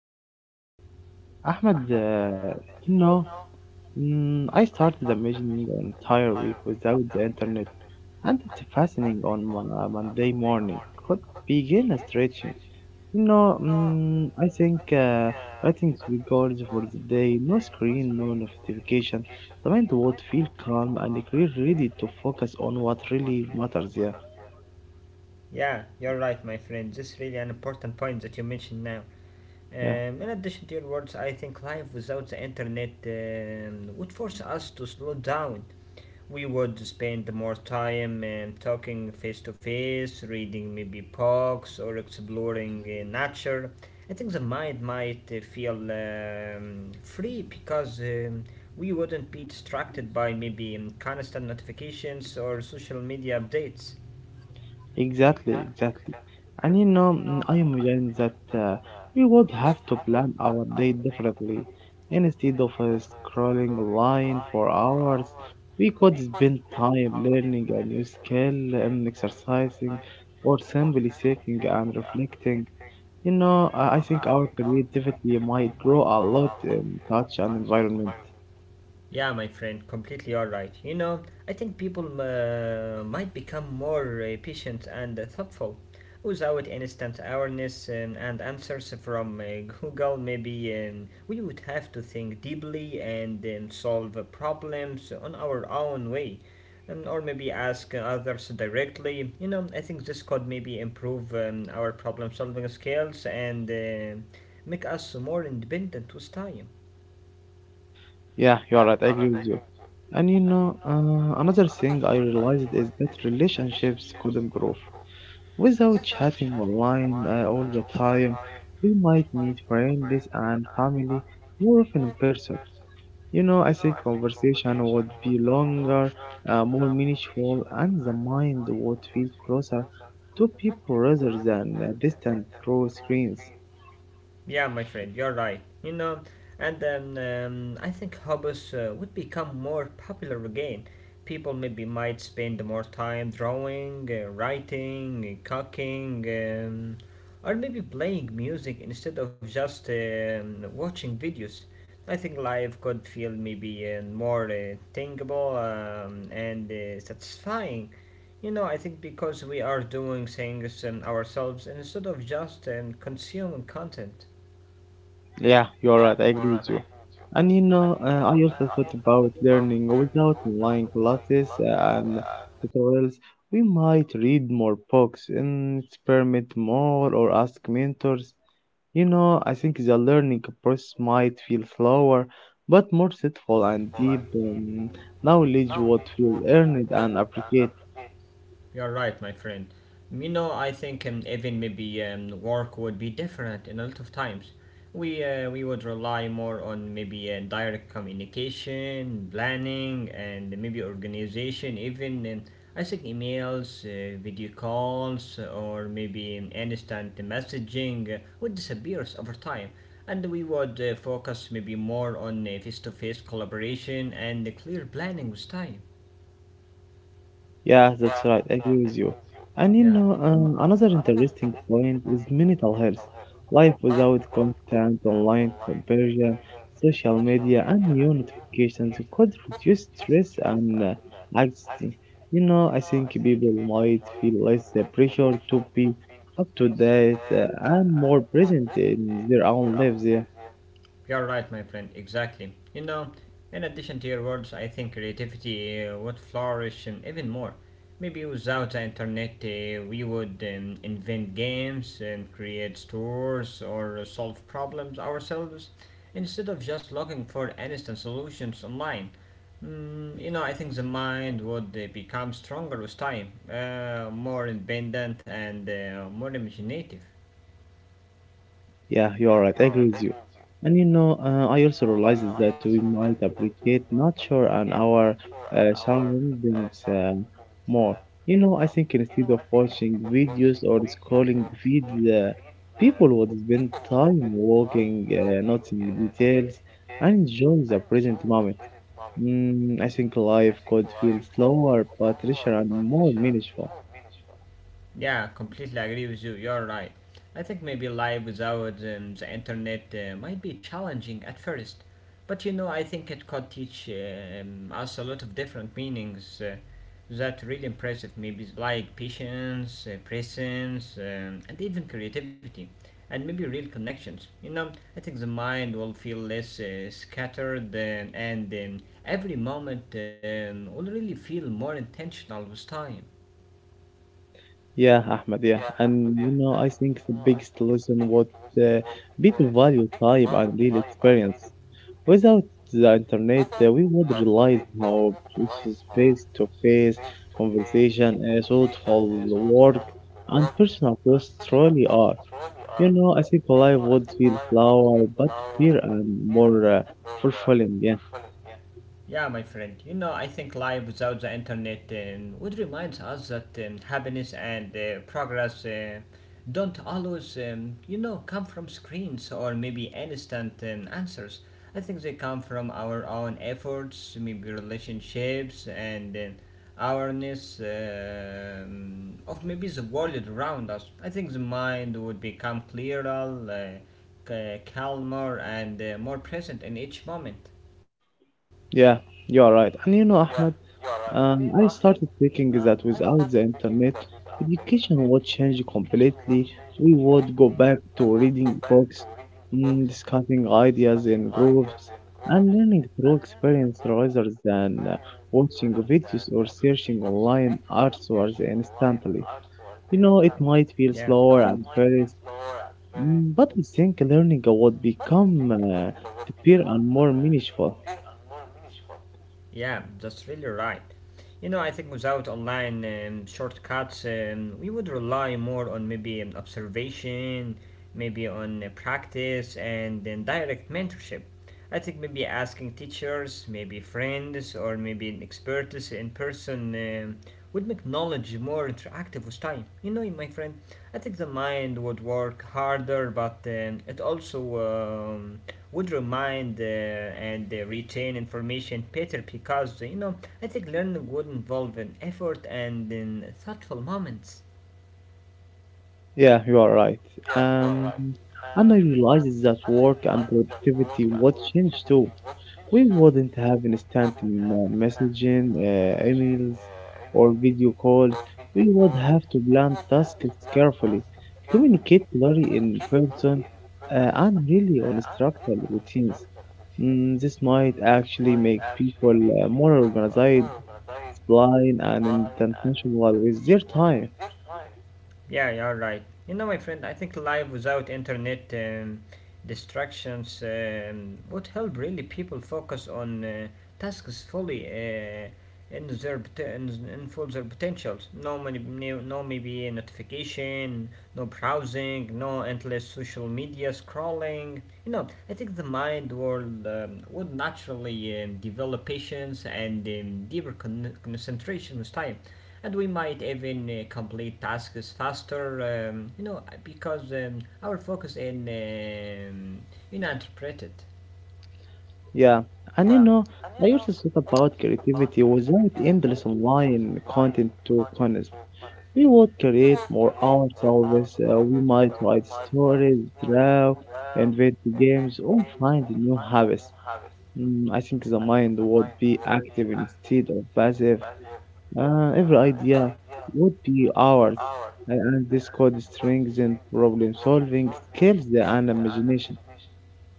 you. Ahmed, you know, I started imagining an entire week without the internet, and it's fascinating on Monday morning. Could begin a stretching. I think writing three goals for the day, no screen, no notification. The mind would feel calm and clear, ready to focus on what really matters. Yeah, Yeah, you're right, my friend. This is really an important point that you mentioned now. Yeah. In addition to your words, I think life without the internet would force us to slow down. We would spend more time talking face to face, reading maybe books, or exploring nature. I think the mind might feel free because we wouldn't be distracted by maybe constant notifications or social media updates. Exactly, exactly. And I imagine that we would have to plan our day differently. Instead of scrolling online for hours, we could spend time learning a new skill, exercising, or simply thinking and reflecting. You know, I think our creativity might grow a lot in touch and environment. Yeah, my friend, completely all right. You know, I think people might become more patient and thoughtful without instant awareness and answers from Google. Maybe we would have to think deeply and solve problems on our own way. Or maybe ask others directly. You know, I think this could maybe improve our problem solving skills and make us more independent with time. Yeah, you are right. I agree with you. And you know, another thing I realized is that relationships could improve. Without chatting online all the time, we might meet friends and family more often in person. You know, I think conversation would be longer, more meaningful, and the mind would feel closer to people rather than distant through screens. Yeah, my friend, you're right. You know, and then I think hobbies would become more popular again. People maybe might spend more time drawing, writing, cooking, or maybe playing music instead of just watching videos. I think life could feel maybe more thinkable and satisfying. You know, I think because we are doing things ourselves instead of just consuming content. Yeah, you're right. I agree with you. And you know, I also thought about learning without online classes and tutorials. We might read more books and experiment more or ask mentors. You know, I think the learning process might feel slower, but more thoughtful and deep, knowledge what will earn it and appreciate. You're right, my friend. You know, I think even maybe work would be different in a lot of times. We would rely more on maybe direct communication, planning, and maybe organization. Even I think emails, video calls, or maybe instant messaging would disappear over time. And we would focus maybe more on face-to-face collaboration and the clear planning with time. Yeah, that's right. I agree with you. And you Yeah. know, um, another interesting point is mental health. Life without constant online comparison, social media, and new notifications could reduce stress and anxiety. You know, I think people might feel less the pressure to be up to date and more present in their own lives. Yeah. You're right, my friend, exactly. You know, in addition to your words, I think creativity would flourish even more. Maybe without the internet, we would invent games and create stores or solve problems ourselves instead of just looking for instant solutions online. Mm, you know, I think the mind would become stronger with time, more independent, and more imaginative. Yeah, you are right. I agree with you. And you know, I also realized that we might appreciate nature and our surroundings more. You know, I think instead of watching videos or scrolling feeds, people would spend time walking, noting details, and enjoying the present moment. I think life could feel slower, but richer and more meaningful. Yeah, completely agree with you. You're right. I think maybe life without the internet might be challenging at first, but you know, I think it could teach us a lot of different meanings that really impressive. Maybe like patience, presence, and even creativity, and maybe real connections. You know, I think the mind will feel less scattered, and every moment will really feel more intentional with time. Yeah, Ahmed, yeah. And you know, I think the biggest lesson would uh, be to value time and real experience. Without the internet, we would realize how precious face-to-face conversation, thoughtful work, and personal growth truly are. You know, I think life would feel slower, but clear and more fulfilling. Yeah, Yeah, my friend. You know, I think life without the internet would remind us that happiness and progress don't always, you know, come from screens or maybe instant answers. I think they come from our own efforts, maybe relationships and awareness of maybe the world around us. I think the mind would become clearer, calmer, and more present in each moment. yeah, you are right. And you know, Ahmed. I started thinking that without the internet, education would change completely. We would go back to reading books, discussing ideas in groups, and learning through experience rather than watching videos or searching online answers instantly. You know, it might feel Yeah. slower at first, but I think learning would become deeper and more meaningful. Yeah, that's really right. You know, I think without online shortcuts, we would rely more on maybe observation, maybe on practice, and then direct mentorship. I think maybe asking teachers, maybe friends, or maybe an experts in person would make knowledge more interactive with time. You know, my friend, I think the mind would work harder, but it also would remind and retain information better because you know I think learning would involve an effort and in thoughtful moments. Yeah, you are right. Um, and I realized that work and productivity would change too. We wouldn't have instant messaging, emails, or video calls. We would have to plan tasks carefully, communicate clearly in person, and really on structured routines. This might actually make people more organized it's blind and intentional with their time. Yeah, you're right. You know, my friend, I think life without internet distractions would help really people focus on tasks fully in their pot- in full their potentials. No many, no maybe notification, no browsing, no endless social media scrolling. You know, I think the mind world would naturally develop patience and deeper concentration with time and we might even complete tasks faster, you know, because our focus in you know interpreted. Yeah, and you know, I used to talk about creativity without endless online content to consume. We would create more ourselves. We might write stories, draw, invent games, or find new habits. I think the mind would be active instead of passive. Every idea would be ours, and this could strengthen problem solving skills and imagination.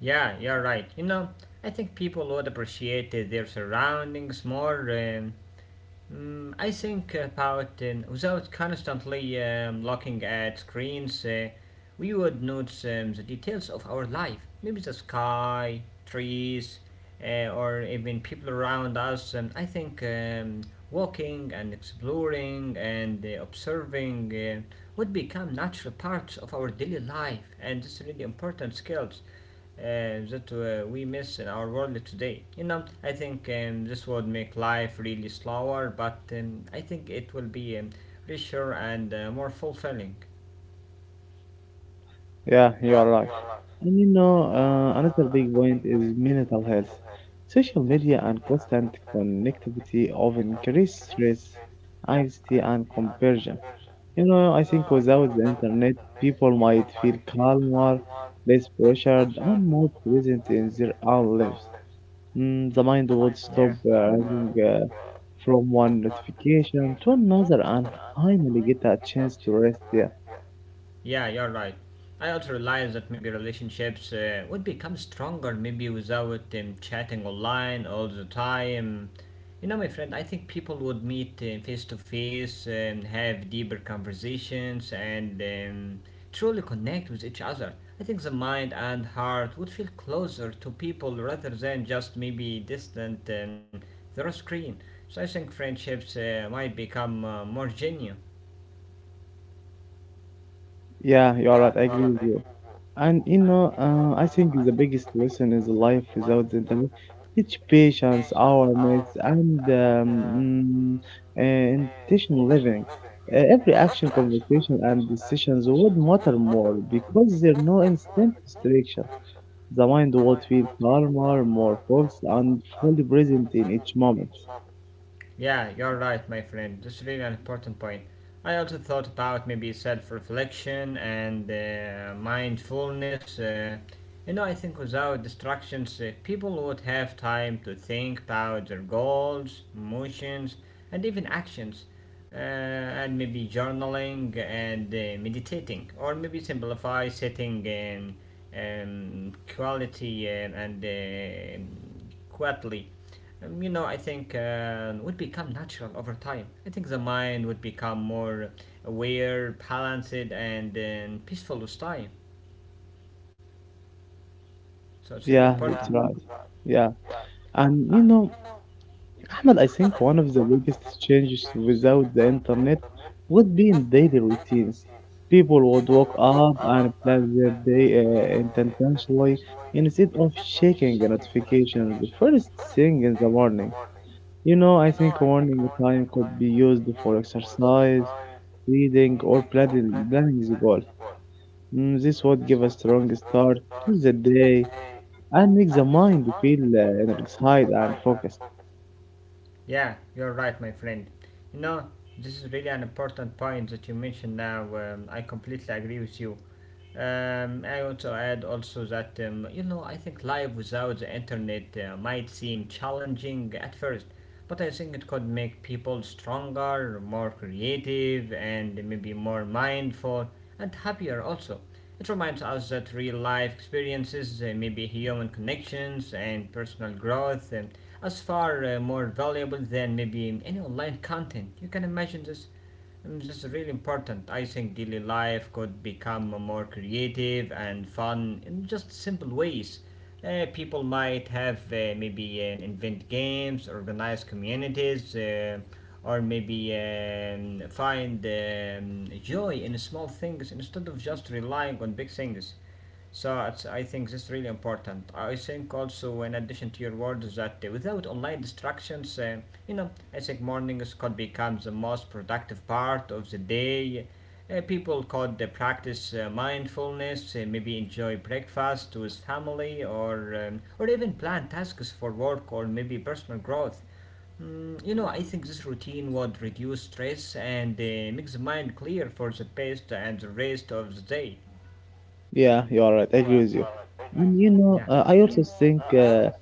Yeah, you're right. You know, I think people would appreciate their surroundings more. I think about without constantly looking at screens, we would notice the details of our life. Maybe the sky, trees, or even people around us. I think walking and exploring and observing would become natural parts of our daily life, and it's really important skills that we miss in our world today. You know, I think this would make life really slower, but I think it will be richer and more fulfilling. Yeah, you are right. And you know, another big point is mental health. Social media and constant connectivity often increase stress, anxiety, and comparison. You know, I think without the internet, people might feel calmer, less pressured, and more present in their own lives. The mind would stop Yeah. Running from one notification to another and finally get a chance to rest there. Yeah, you're right. I also realized that maybe relationships would become stronger maybe without chatting online all the time. You know, my friend, I think people would meet face to face and have deeper conversations and truly connect with each other. I think the mind and heart would feel closer to people rather than just maybe distant through a screen. So I think friendships might become more genuine. Yeah, you are right. I agree with you. And you know, I think the biggest lesson is life without the internet. Teach patience, awareness, and mm, intentional living. Every action, conversation, and decisions would matter more because there are no instant distraction. The mind would feel calmer, more focused, and fully present in each moment. Yeah, you're right, my friend. That's really an important point. I also thought about maybe self reflection and mindfulness. You know, I think without distractions, people would have time to think about their goals, emotions, and even actions. And maybe journaling and meditating, or maybe simplify setting quality and quietly you know, I think would become natural over time. I think the mind would become more aware, balanced, and peaceful with time. So it's really Yeah, important. that's right. Yeah. And you know, Ahmed, I think one of the biggest changes without the internet would be in daily routines. People would wake up and plan their day intentionally instead of checking the notifications the first thing in the morning. You know, I think morning time could be used for exercise, reading, or planning the goal. This would give a strong start to the day and make the mind feel energized and focused. Yeah, you're right, my friend. You know, this is really an important point that you mentioned now. I completely agree with you. I want to add also that you know I think life without the internet might seem challenging at first, but I think it could make people stronger, more creative, and maybe more mindful and happier also. It reminds us that real life experiences, maybe human connections and personal growth, as far more valuable than maybe any online content. You can imagine this. This is really important. I think daily life could become more creative and fun in just simple ways. People might have maybe invent games, organize communities, or maybe find joy in small things instead of just relying on big things. So it's, I think this is really important. I think also in addition to your words that without online distractions, you know, I think mornings could become the most productive part of the day. People could practice mindfulness, maybe enjoy breakfast with family, or even plan tasks for work or maybe personal growth. Mm, you know, I think this routine would reduce stress and make the mind clear for the best and the rest of the day. Yeah, you are right. I agree with you. And you know, Yeah. I also think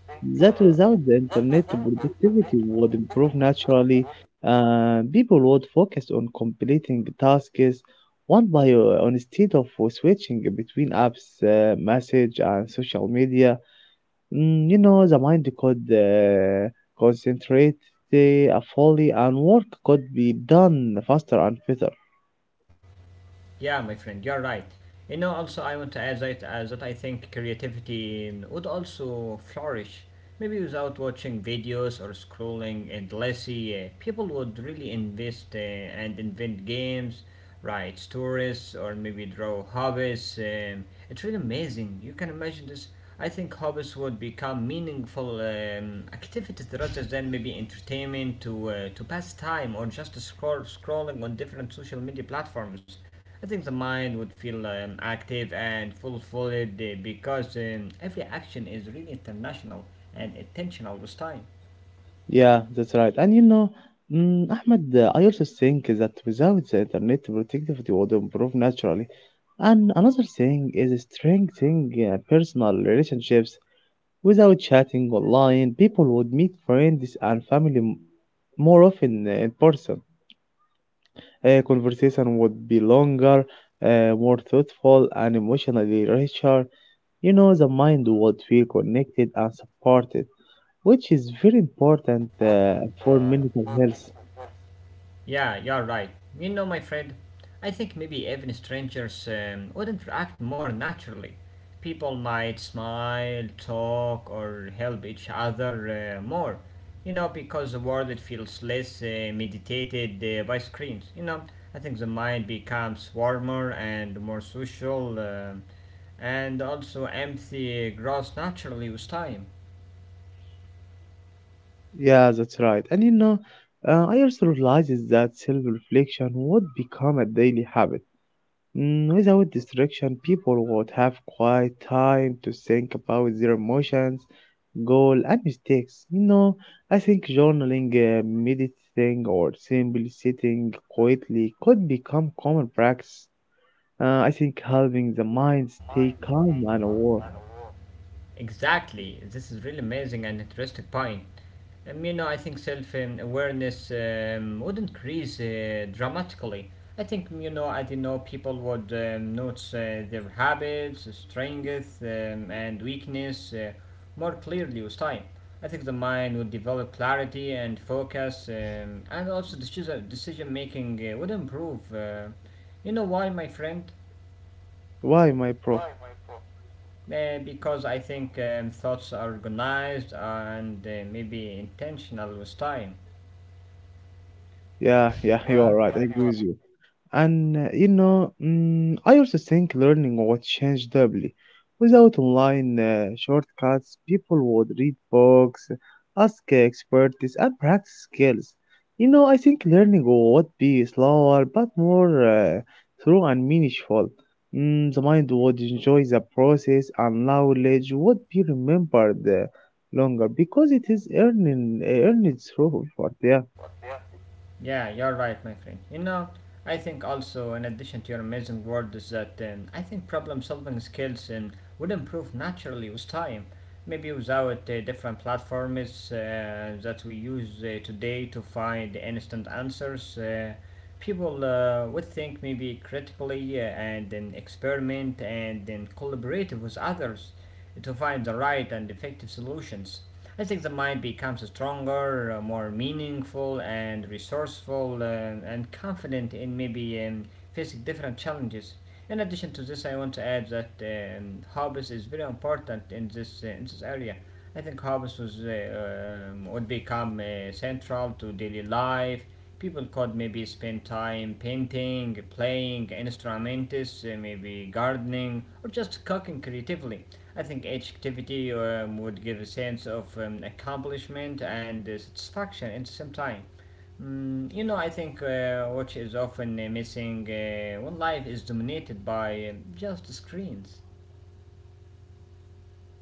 that without the internet, productivity would improve naturally. People would focus on completing tasks one by one instead of switching between apps, message, and social media. You know, the mind could concentrate fully, and work could be done faster and better. Yeah, my friend, you're right. You know, also I want to add that, that I think creativity mm, would also flourish. Maybe without watching videos or scrolling endlessly, people would really invest and invent games, write stories, or maybe draw hobbies. It's really amazing. You can imagine this. I think hobbies would become meaningful activities rather than maybe entertainment to pass time or just scrolling on different social media platforms. I think the mind would feel active and fulfilled because every action is really international and intentional this time. Yeah, that's right. And you know, Ahmed, I also think that without the internet, productivity would improve naturally. And another thing is strengthening personal relationships. Without chatting online, people would meet friends and family more often in person. Conversation would be longer, more thoughtful, and emotionally richer. You know, the mind would feel connected and supported which is very important for mental health. Yeah, you're right. You know, my friend, I think maybe even strangers wouldn't react more naturally. People might smile, talk, or help each other more, you know, because the world it feels less meditated by screens. You know, I think the mind becomes warmer and more social, and also empathy grows naturally with time. Yeah, that's right. And you know, I also realizes that self-reflection would become a daily habit. Without distraction, people would have quiet time to think about their emotions, goal, and mistakes. You know, I think journaling, meditating, or simply sitting quietly could become common practice. I think helping the mind stay calm and aware. Exactly, this is really amazing and interesting point. You know, I think self awareness would increase dramatically. I think, you know, I didn't know people would notice their habits, strength, and weakness more clearly with time. I think the mind would develop clarity and focus, and also decision making would improve. You know why, my friend? Why, my bro? Because I think thoughts are organized and maybe intentional with time. Yeah, yeah, you are right. I agree with you. And you know, I also think learning would change doubly. Without online shortcuts, people would read books, ask experts, and practice skills. You know, I think learning would be slower but more thorough and meaningful. The mind would enjoy the process, and knowledge would be remembered longer because it is earning earned through effort. Yeah. Yeah, you're right, my friend. You know, I think also, in addition to your amazing word, is that I think problem solving skills would improve naturally with time. Maybe without different platforms that we use today to find instant answers, people would think maybe critically and then experiment and then collaborate with others to find the right and effective solutions. I think the mind becomes stronger, more meaningful, and resourceful, and confident in maybe facing different challenges. In addition to this, I want to add that hobbies is very important in this area. I think hobbies would become central to daily life. People could maybe spend time painting, playing instruments, maybe gardening, or just cooking creatively. I think each activity would give a sense of accomplishment and satisfaction at the same time. You know, I think what is often missing when life is dominated by just screens,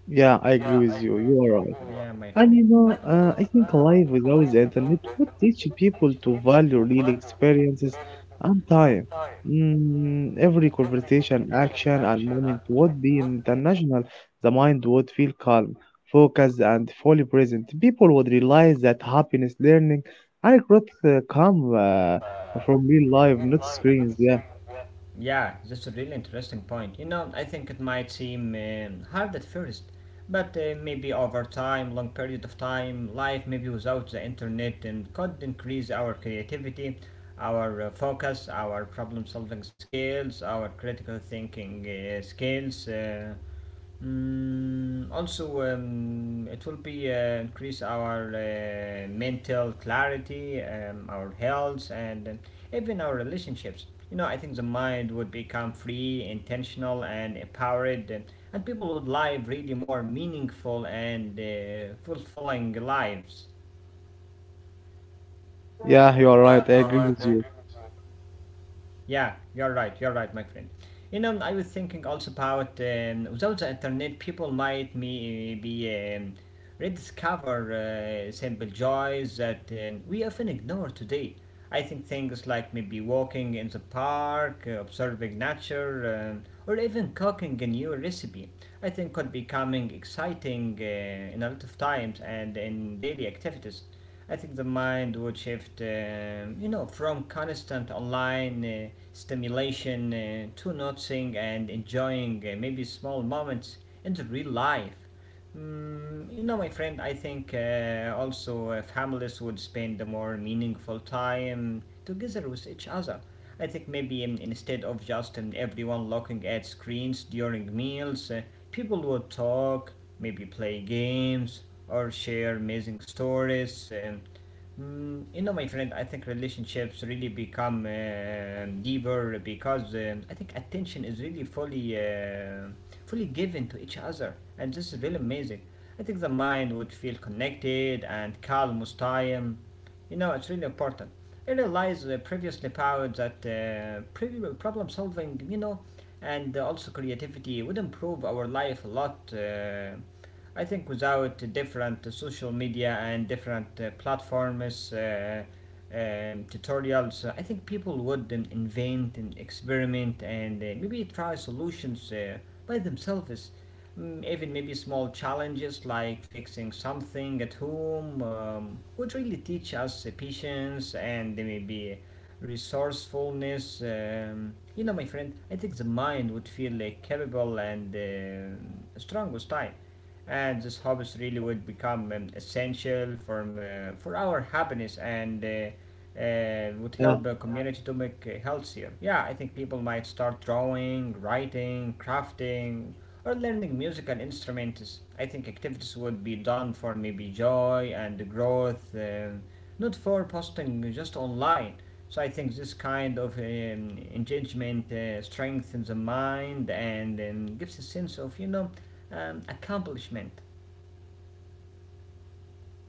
Yeah, I agree with you. You are right. yeah, my And friend. you know, I think life without the internet would teach people to value real experiences and time. Every conversation, action, and moment would be international. The mind would feel calm, focused, and fully present. People would realize that happiness, learning, and growth come from real life, not screens. Yeah, Yeah, that's a really interesting point. You know, I think it might seem hard at first, but maybe over time, long period of time, life maybe without the internet and could increase our creativity, our focus, our problem solving skills, our critical thinking skills. Also, it will be increase our mental clarity, our health, and even our relationships. You know, I think the mind would become free, intentional, and empowered, and people would live really more meaningful and fulfilling lives. yeah, you are right. I agree with you. Yeah, you're right, my friend. You know, I was thinking also about without the internet, people might me, be rediscover simple joys that we often ignore today. I think things like maybe walking in the park, observing nature, or even cooking a new recipe, I think could be coming exciting in a lot of times and in daily activities. I think the mind would shift, you know, from constant online stimulation to noticing and enjoying maybe small moments in the real life. You know, my friend, I think also families would spend a more meaningful time together with each other. I think maybe instead of just everyone looking at screens during meals, people would talk, maybe play games, or share amazing stories. You know, my friend, I think relationships really become deeper because I think attention is really fully given to each other, and this is really amazing. I think the mind would feel connected and calm with time. You know, it's really important. I realized previously about that problem solving, you know, and also creativity would improve our life a lot. I think without different social media and different platforms, tutorials, I think people would invent and experiment and maybe try solutions by themselves. Even maybe small challenges like fixing something at home would really teach us patience and maybe resourcefulness. You know, my friend, I think the mind would feel capable and strong with time, and these hobbies really would become essential for our happiness, and would Yeah, help a community to make healthier. Yeah, I think people might start drawing, writing, crafting, or learning musical instruments. I think activities would be done for maybe joy and growth, not for posting just online. So I think this kind of engagement strengthens the mind and gives a sense of, you know, accomplishment.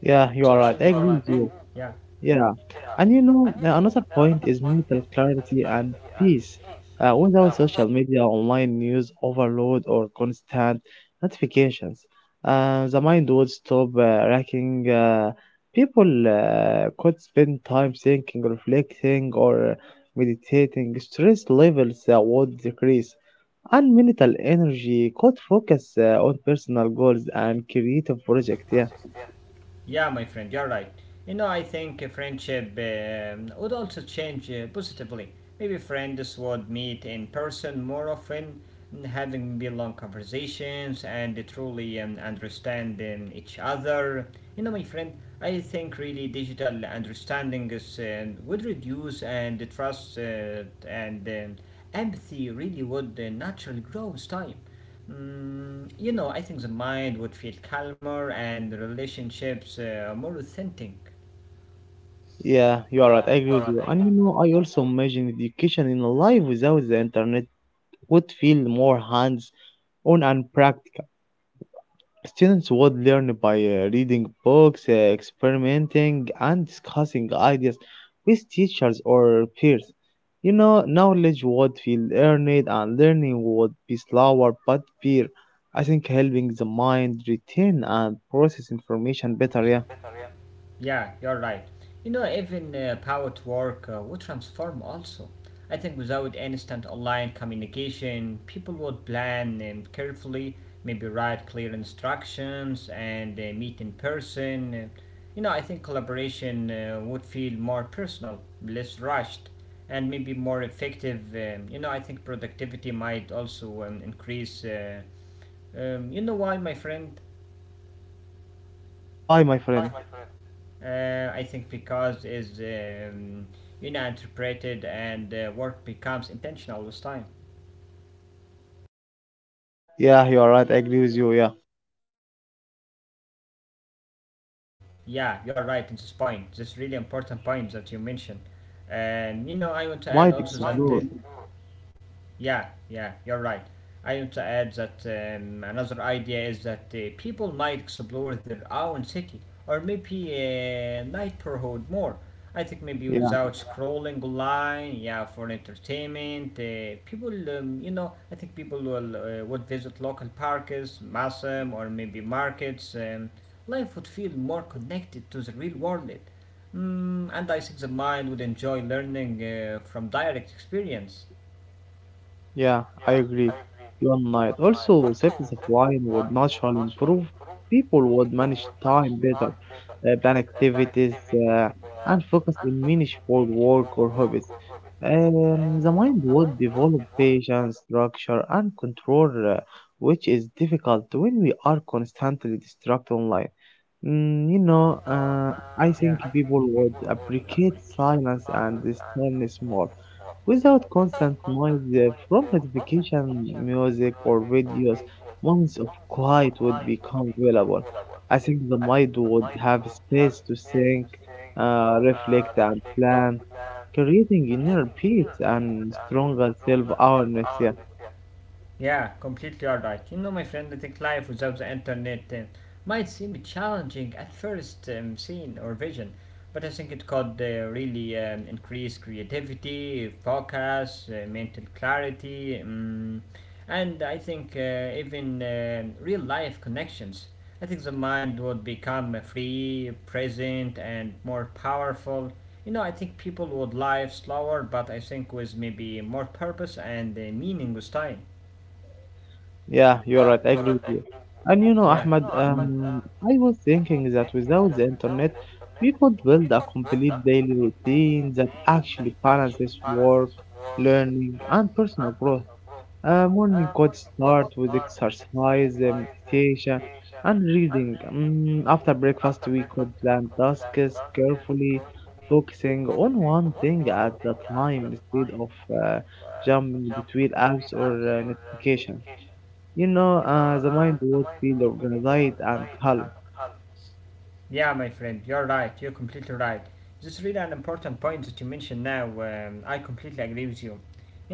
yeah, you So are right. I agree with you. yeah. Yeah, and you know, another point is mental clarity and peace. Without social media, online news overload, or constant notifications, the mind would stop racking. People could spend time thinking, reflecting, or meditating. Stress levels would decrease, and mental energy could focus on personal goals and creative projects. Yeah. Yeah, my friend, you're right. You know, I think a friendship would also change positively. Maybe friends would meet in person more often, having be long conversations and truly understanding each other. You know, my friend, I think really digital understanding would reduce, and the trust and empathy really would naturally grow with time. You know, I think the mind would feel calmer and relationships more authentic. Yeah, you are right. I agree with you. And you know, I also imagine education in life without the internet would feel more hands-on and practical. Students would learn by reading books, experimenting, and discussing ideas with teachers or peers. You know, knowledge would feel earned and learning would be slower but better. I think helping the mind retain and process information better. Yeah. Yeah, you're right. You know, even power to work would transform also. I think without instant online communication, people would plan carefully, maybe write clear instructions and meet in person. You know, I think collaboration would feel more personal, less rushed, and maybe more effective. You know, I think productivity might also increase. You know why, my friend? Why, my friend? I think because is you know interpreted, and work becomes intentional with time. Yeah, you are right. I agree with you. Yeah. Yeah, you're right in this point. This Yeah, really my friend. important And you point know, that you mentioned. Another idea is that You know, I people want to add might also explore, that. Yeah, yeah, you're right. I want to add that another idea is that people might explore their own city or maybe neighborhood more. I think maybe you. without scrolling online, yeah, for entertainment, you know, I think people will would visit local parks, museum, or maybe markets. Life would feel more connected to the real world. And I think the mind would enjoy learning from direct experience. Yeah, I agree. You night Also, savings of wine would naturally improve. People would manage time better, plan activities, uh, and focus in meaningful work or hobbies. The mind would develop patience, structure, and control, which is difficult when we are constantly distracted online. You know, I Yeah. think people would appreciate silence and stillness more. Without constant noise from notification, music, or videos, moments of quiet would become available. I think the mind would have space to think, reflect, and plan, creating inner peace and stronger self awareness. Yeah. Yeah, completely all right. You know, my friend, I think life without the internet might seem challenging at first, seen or vision, but I think it could really increase creativity, focus, mental clarity, and I think even real life connections. I think the mind would become free, present, and more powerful. You know, I think people would live slower, but I think with maybe more purpose and meaning with time. Yeah, you're right. I agree with you. And you know, Yeah, Ahmad, I was thinking that without the internet, we could build a complete daily routine that actually balances work, learning, and personal growth. Morning could start with exercise, meditation, and reading. After breakfast, we could plan tasks carefully, focusing on one thing at a time instead of jumping between apps or notifications. You know, the mind would feel organized and calm. yeah, my friend, you're right. You're completely right. This is really an important point that you mentioned now. I completely agree with you.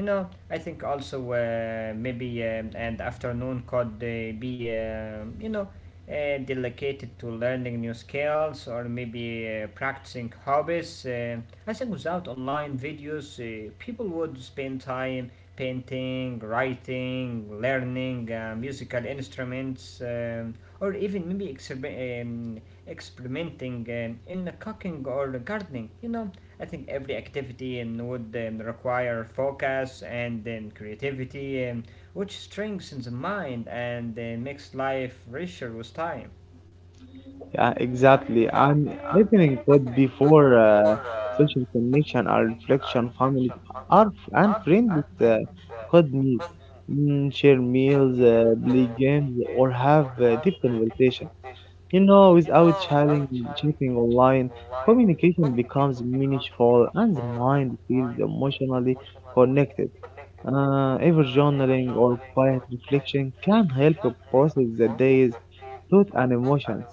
You know, I think also maybe and afternoon could be, you know, dedicated to learning new skills or maybe practicing hobbies. I think without online videos, people would spend time painting, writing, learning musical instruments, or even maybe experimenting in the cooking or the gardening. You know, I think every activity would require focus and creativity, which strengthens the mind and makes life richer with time. Yeah, exactly. And listening could be for social connection or reflection, family or and friends could meet, share meals, play games, or have deep conversation. You know, without chatting online, communication becomes meaningful and the mind feels emotionally connected. Even journaling or quiet reflection can help you process the day's thoughts and emotions.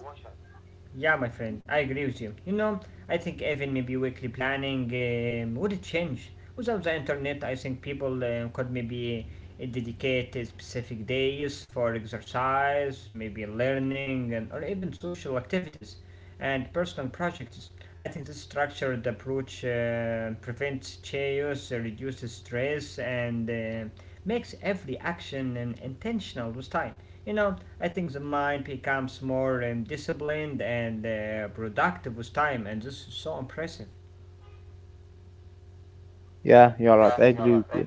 Yeah, my friend, I agree with you. You know, I think even maybe weekly planning would change. Without the internet, I think people could maybe dedicate specific days for exercise, maybe learning, and, or even social activities and personal projects. I think this structured approach prevents chaos, reduces stress, and makes every action intentional with time. You know, I think the mind becomes more disciplined and productive with time, and this is so impressive. Yeah, you're right. I agree with you.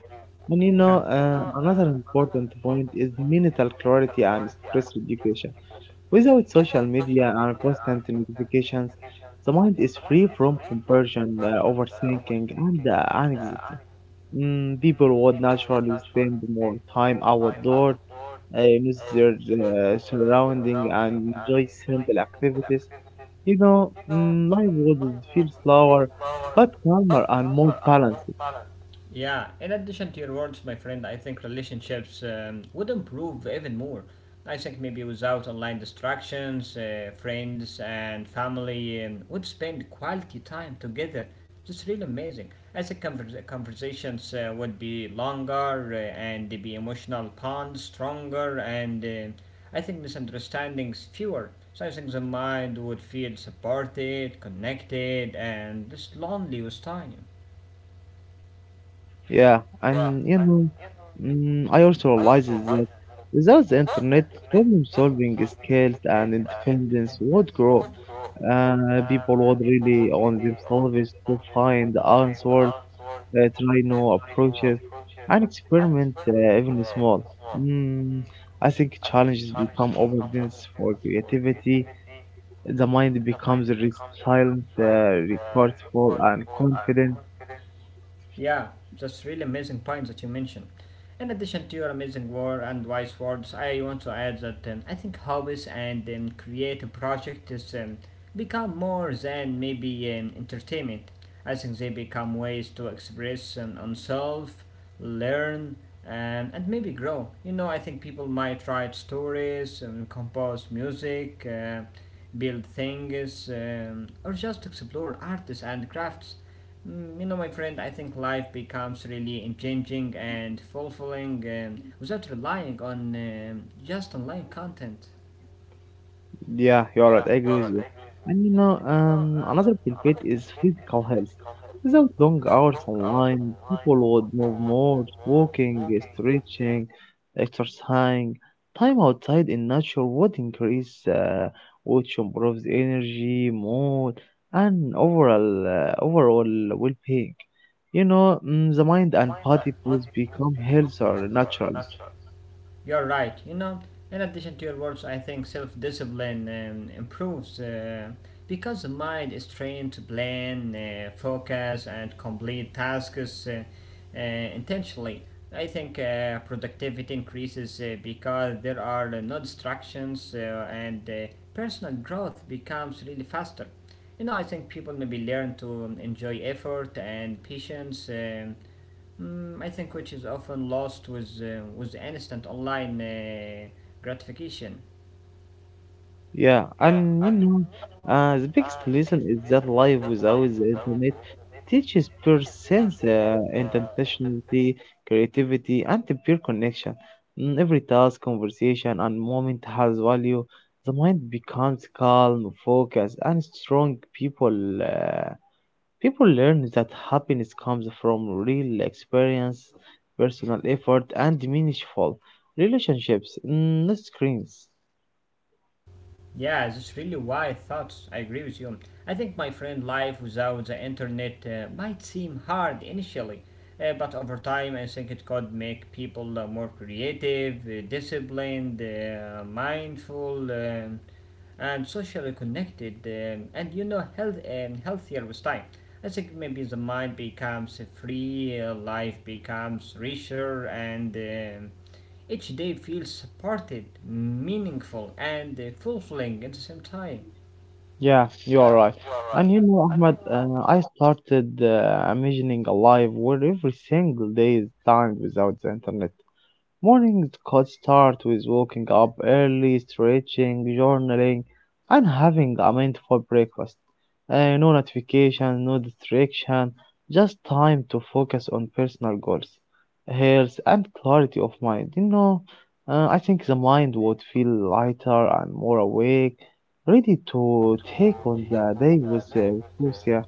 And you Yeah. know, another important point is mental clarity and stress education. Without social media and constant notifications, the mind is free from comparison, overthinking, and anxiety. People would naturally spend more time outdoors, notice their surrounding, and enjoy simple activities. You know, life would feel slower, but calmer and more balanced. Yeah, in addition to your words, my friend, I think relationships would improve even more. I think maybe without online distractions, friends and family would spend quality time together. It's really amazing. I think conversations would be longer and the emotional bonds stronger, and I think misunderstandings fewer. So I think the mind would feel supported, connected, and less lonely with time. Yeah, and you know, I also realizes that without the internet, problem solving skills and independence would grow. People would really on themselves to find answers, try new approaches, and experiment even small. Mm, I think challenges become evidence for creativity. The mind becomes resilient, resourceful, and confident. Yeah, that's really amazing point that you mentioned. In addition to your amazing war and wise words, I want to add that I think hobbies and creative project is become more than maybe entertainment. I think they become ways to express oneself, learn, and maybe grow. You know, I think people might write stories, compose music, build things, or just explore artists and crafts. You know, my friend, I think life becomes really engaging and fulfilling without relying on just online content. Yeah, you're right. I agree with you. And you know, another benefit is physical health. Without long hours online, people would move more, walking, stretching, exercising. Time outside in nature would increase, which improves energy, mood, and overall well-being. You know, the mind and body both become healthier naturally. You're right. You know, in addition to your words, I think self discipline improves because the mind is trained to plan, focus, and complete tasks intentionally. I think productivity increases because there are no distractions and personal growth becomes really faster. You know, I think people maybe learn to enjoy effort and patience. I think which is often lost with instant online gratification. Yeah, and you know, the biggest lesson is that life without the internet teaches persons intentionality, creativity, and the pure connection. Every task, conversation, and moment has value. The mind becomes calm, focused, and strong. People learn that happiness comes from real experience, personal effort, and meaningful relationships, not screens. Yeah, that's really why thoughts. I agree with you. I think, my friend, life without the internet might seem hard initially, but over time I think it could make people more creative, disciplined, mindful, and socially connected, and you know, healthier with time. I think maybe the mind becomes free, life becomes richer, and each day feels supported, meaningful, and fulfilling at the same time. Yeah, you are right. And you know, Ahmed, I started imagining a life where every single day is timed without the internet. Mornings could start with waking up early, stretching, journaling, and having a mindful breakfast. No notification, no distraction, just time to focus on personal goals, health, and clarity of mind. You know, I think the mind would feel lighter and more awake, ready to take on the day with.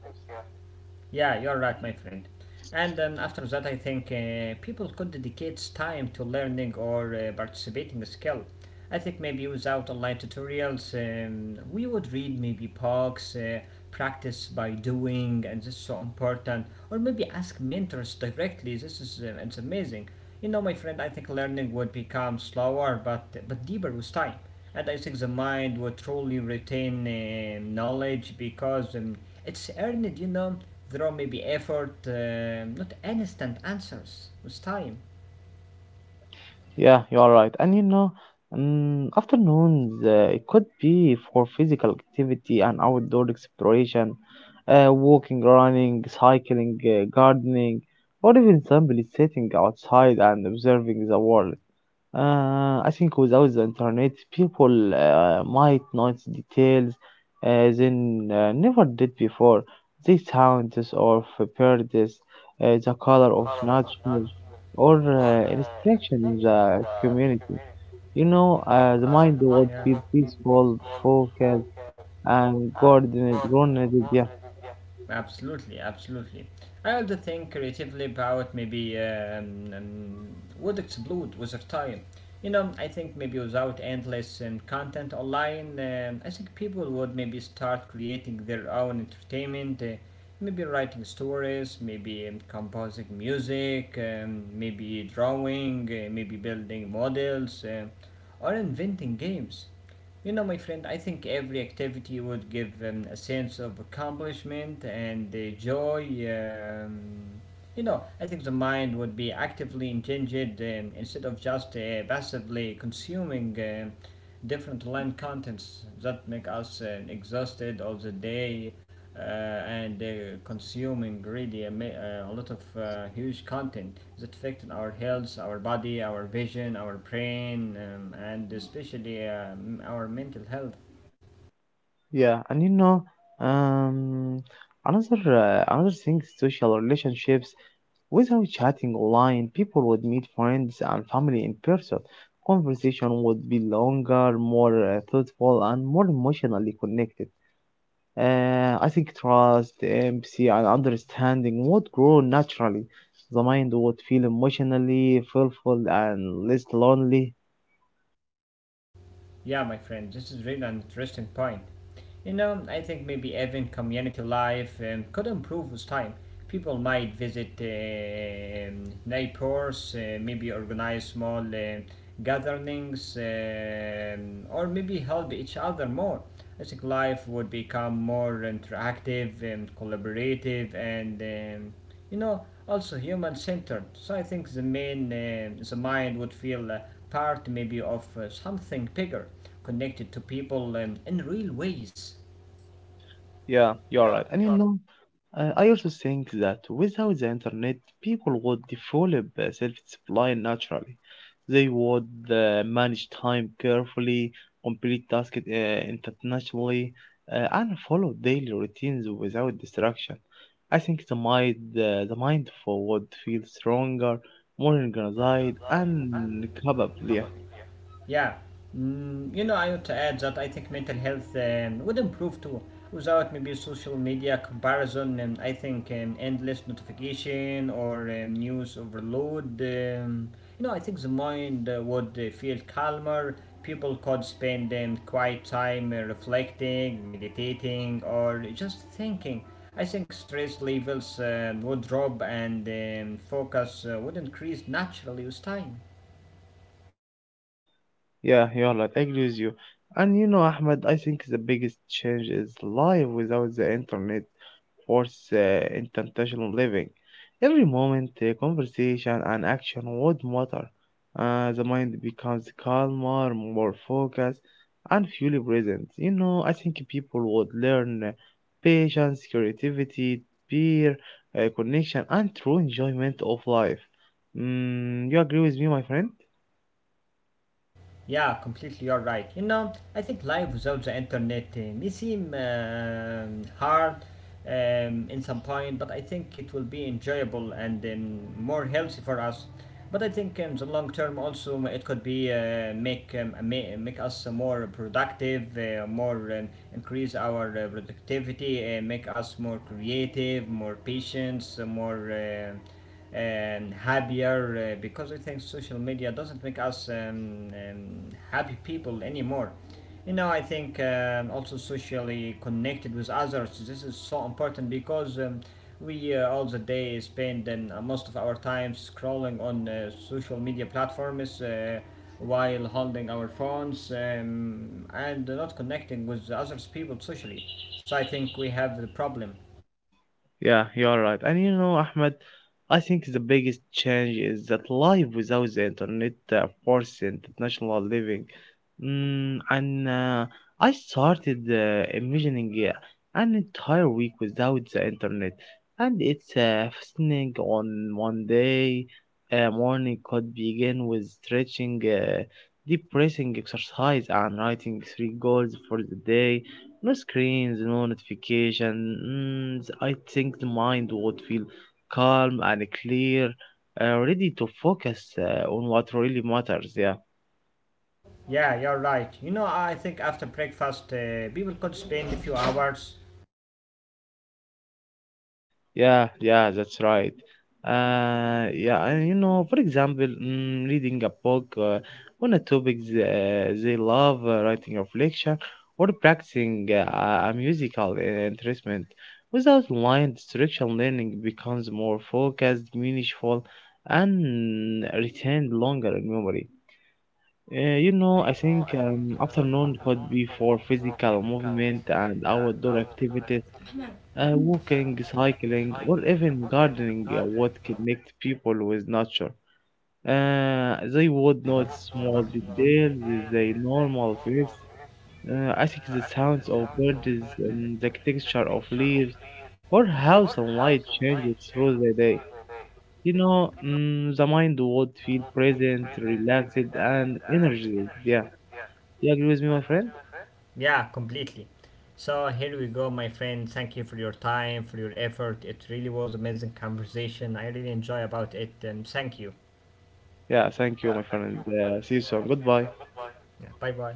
Yeah, you're right, my friend. And then after that, I think people could dedicate time to learning or participating a skill. I think maybe without online tutorials, we would read maybe books, practice by doing, and this is so important. Or maybe ask mentors directly. This is it's amazing. You know, my friend, I think learning would become slower but deeper with time. And I think the mind would truly retain knowledge because it's earned, you know. There may be effort, not instant answers with time. Yeah, you are right. And you know, afternoons it could be for physical activity and outdoor exploration, walking, running, cycling, gardening, or even simply sitting outside and observing the world. I think without the internet, people might notice details they never did before. The sounds of birds, the color of nature, or instruction in the community. You know, the mind would feel peaceful, focused, and grounded. Yeah, Absolutely, absolutely. I also think creatively about maybe would explode with time. You know, I think maybe without endless content online, I think people would maybe start creating their own entertainment. Maybe writing stories, maybe composing music, maybe drawing, maybe building models, or inventing games. You know, my friend, I think every activity would give them a sense of accomplishment and joy. Um, you know, I think the mind would be actively engaged instead of just passively consuming. Different land contents that make us exhausted of the day and consuming really a lot of huge content that affect our health, our body, our vision, our brain, and especially our mental health. yeah. And you know, um, another another thing, social relationships. Without chatting online, people would meet friends and family in person. Conversation would be longer, more thoughtful, and more emotionally connected. I think trust, empathy, and understanding would grow naturally. The mind would feel emotionally fulfilled and less lonely. Yeah, my friend, this is really an interesting point. You know, I think maybe even community life could improve with time. People might visit neighbors, maybe organize small gatherings, or maybe help each other more. I think life would become more interactive and collaborative and you know, also human-centered. So I think the mind would feel part maybe of something bigger, connected to people in real ways. Yeah, you're right. And you know, I also think that without the internet, people would develop self-discipline naturally. They would manage time carefully, complete tasks internationally, and follow daily routines without distraction. I think the mind for would feel stronger, more organized, and capable. Yeah. Yeah, you know, I want to add that I think mental health would improve too without maybe social media comparison. I think endless notification or news overload. You know, I think the mind would feel calmer. People could spend quiet time reflecting, meditating, or just thinking. I think stress levels would drop and focus would increase naturally with time. Yeah, you're right. I agree with you. And you know, Ahmed, I think the biggest change is life without the internet force intentional living. Every moment, conversation, and action would matter. The mind becomes calmer, more focused, and fully present. You know, I think people would learn patience, creativity, peer connection, and true enjoyment of life. You agree with me, my friend? Yeah, completely, you're right. You know, I think life without the internet may seem hard in some point, but I think it will be enjoyable and more healthy for us. But I think in the long term, also it could be make make us more productive, more increase our productivity, make us more creative, more patience, more, happier because I think social media doesn't make us happy people anymore. You know, I think also socially connected with others. This is so important because we all the day spend most of our time scrolling on social media platforms while holding our phones and not connecting with others people socially. So I think we have the problem. Yeah, you're right. And you know, Ahmed, I think the biggest change is that life without the internet forced international living. And I started imagining an entire week without the internet. And it's fascinating on one day. Morning could begin with stretching, deep breathing exercise, and writing three goals for the day. No screens, no notifications. I think the mind would feel calm and clear, ready to focus on what really matters. Yeah. Yeah, you're right. You know, I think after breakfast, people could spend a few hours. Yeah, yeah, that's right. Yeah, and you know, for example, reading a book on a topic they love, writing reflection, or practicing a musical instrument. Without line distraction, learning becomes more focused, meaningful, and retained longer in memory. You know, I think afternoon could be for physical movement and outdoor activities walking, cycling, or even gardening would connect people with nature. They would notice small Or, details they normal things. I think the sounds of birds and the texture of leaves, or how sunlight changes through the day. You know, the mind would feel present, relaxed, and energized. Yeah, you agree with me, my friend? yeah, completely. So here we go, my friend. Thank you for your time, for your effort. It really was amazing conversation. I really enjoy about it. Thank you. Yeah, thank you, my friend. See you soon. Goodbye. Yeah, bye bye.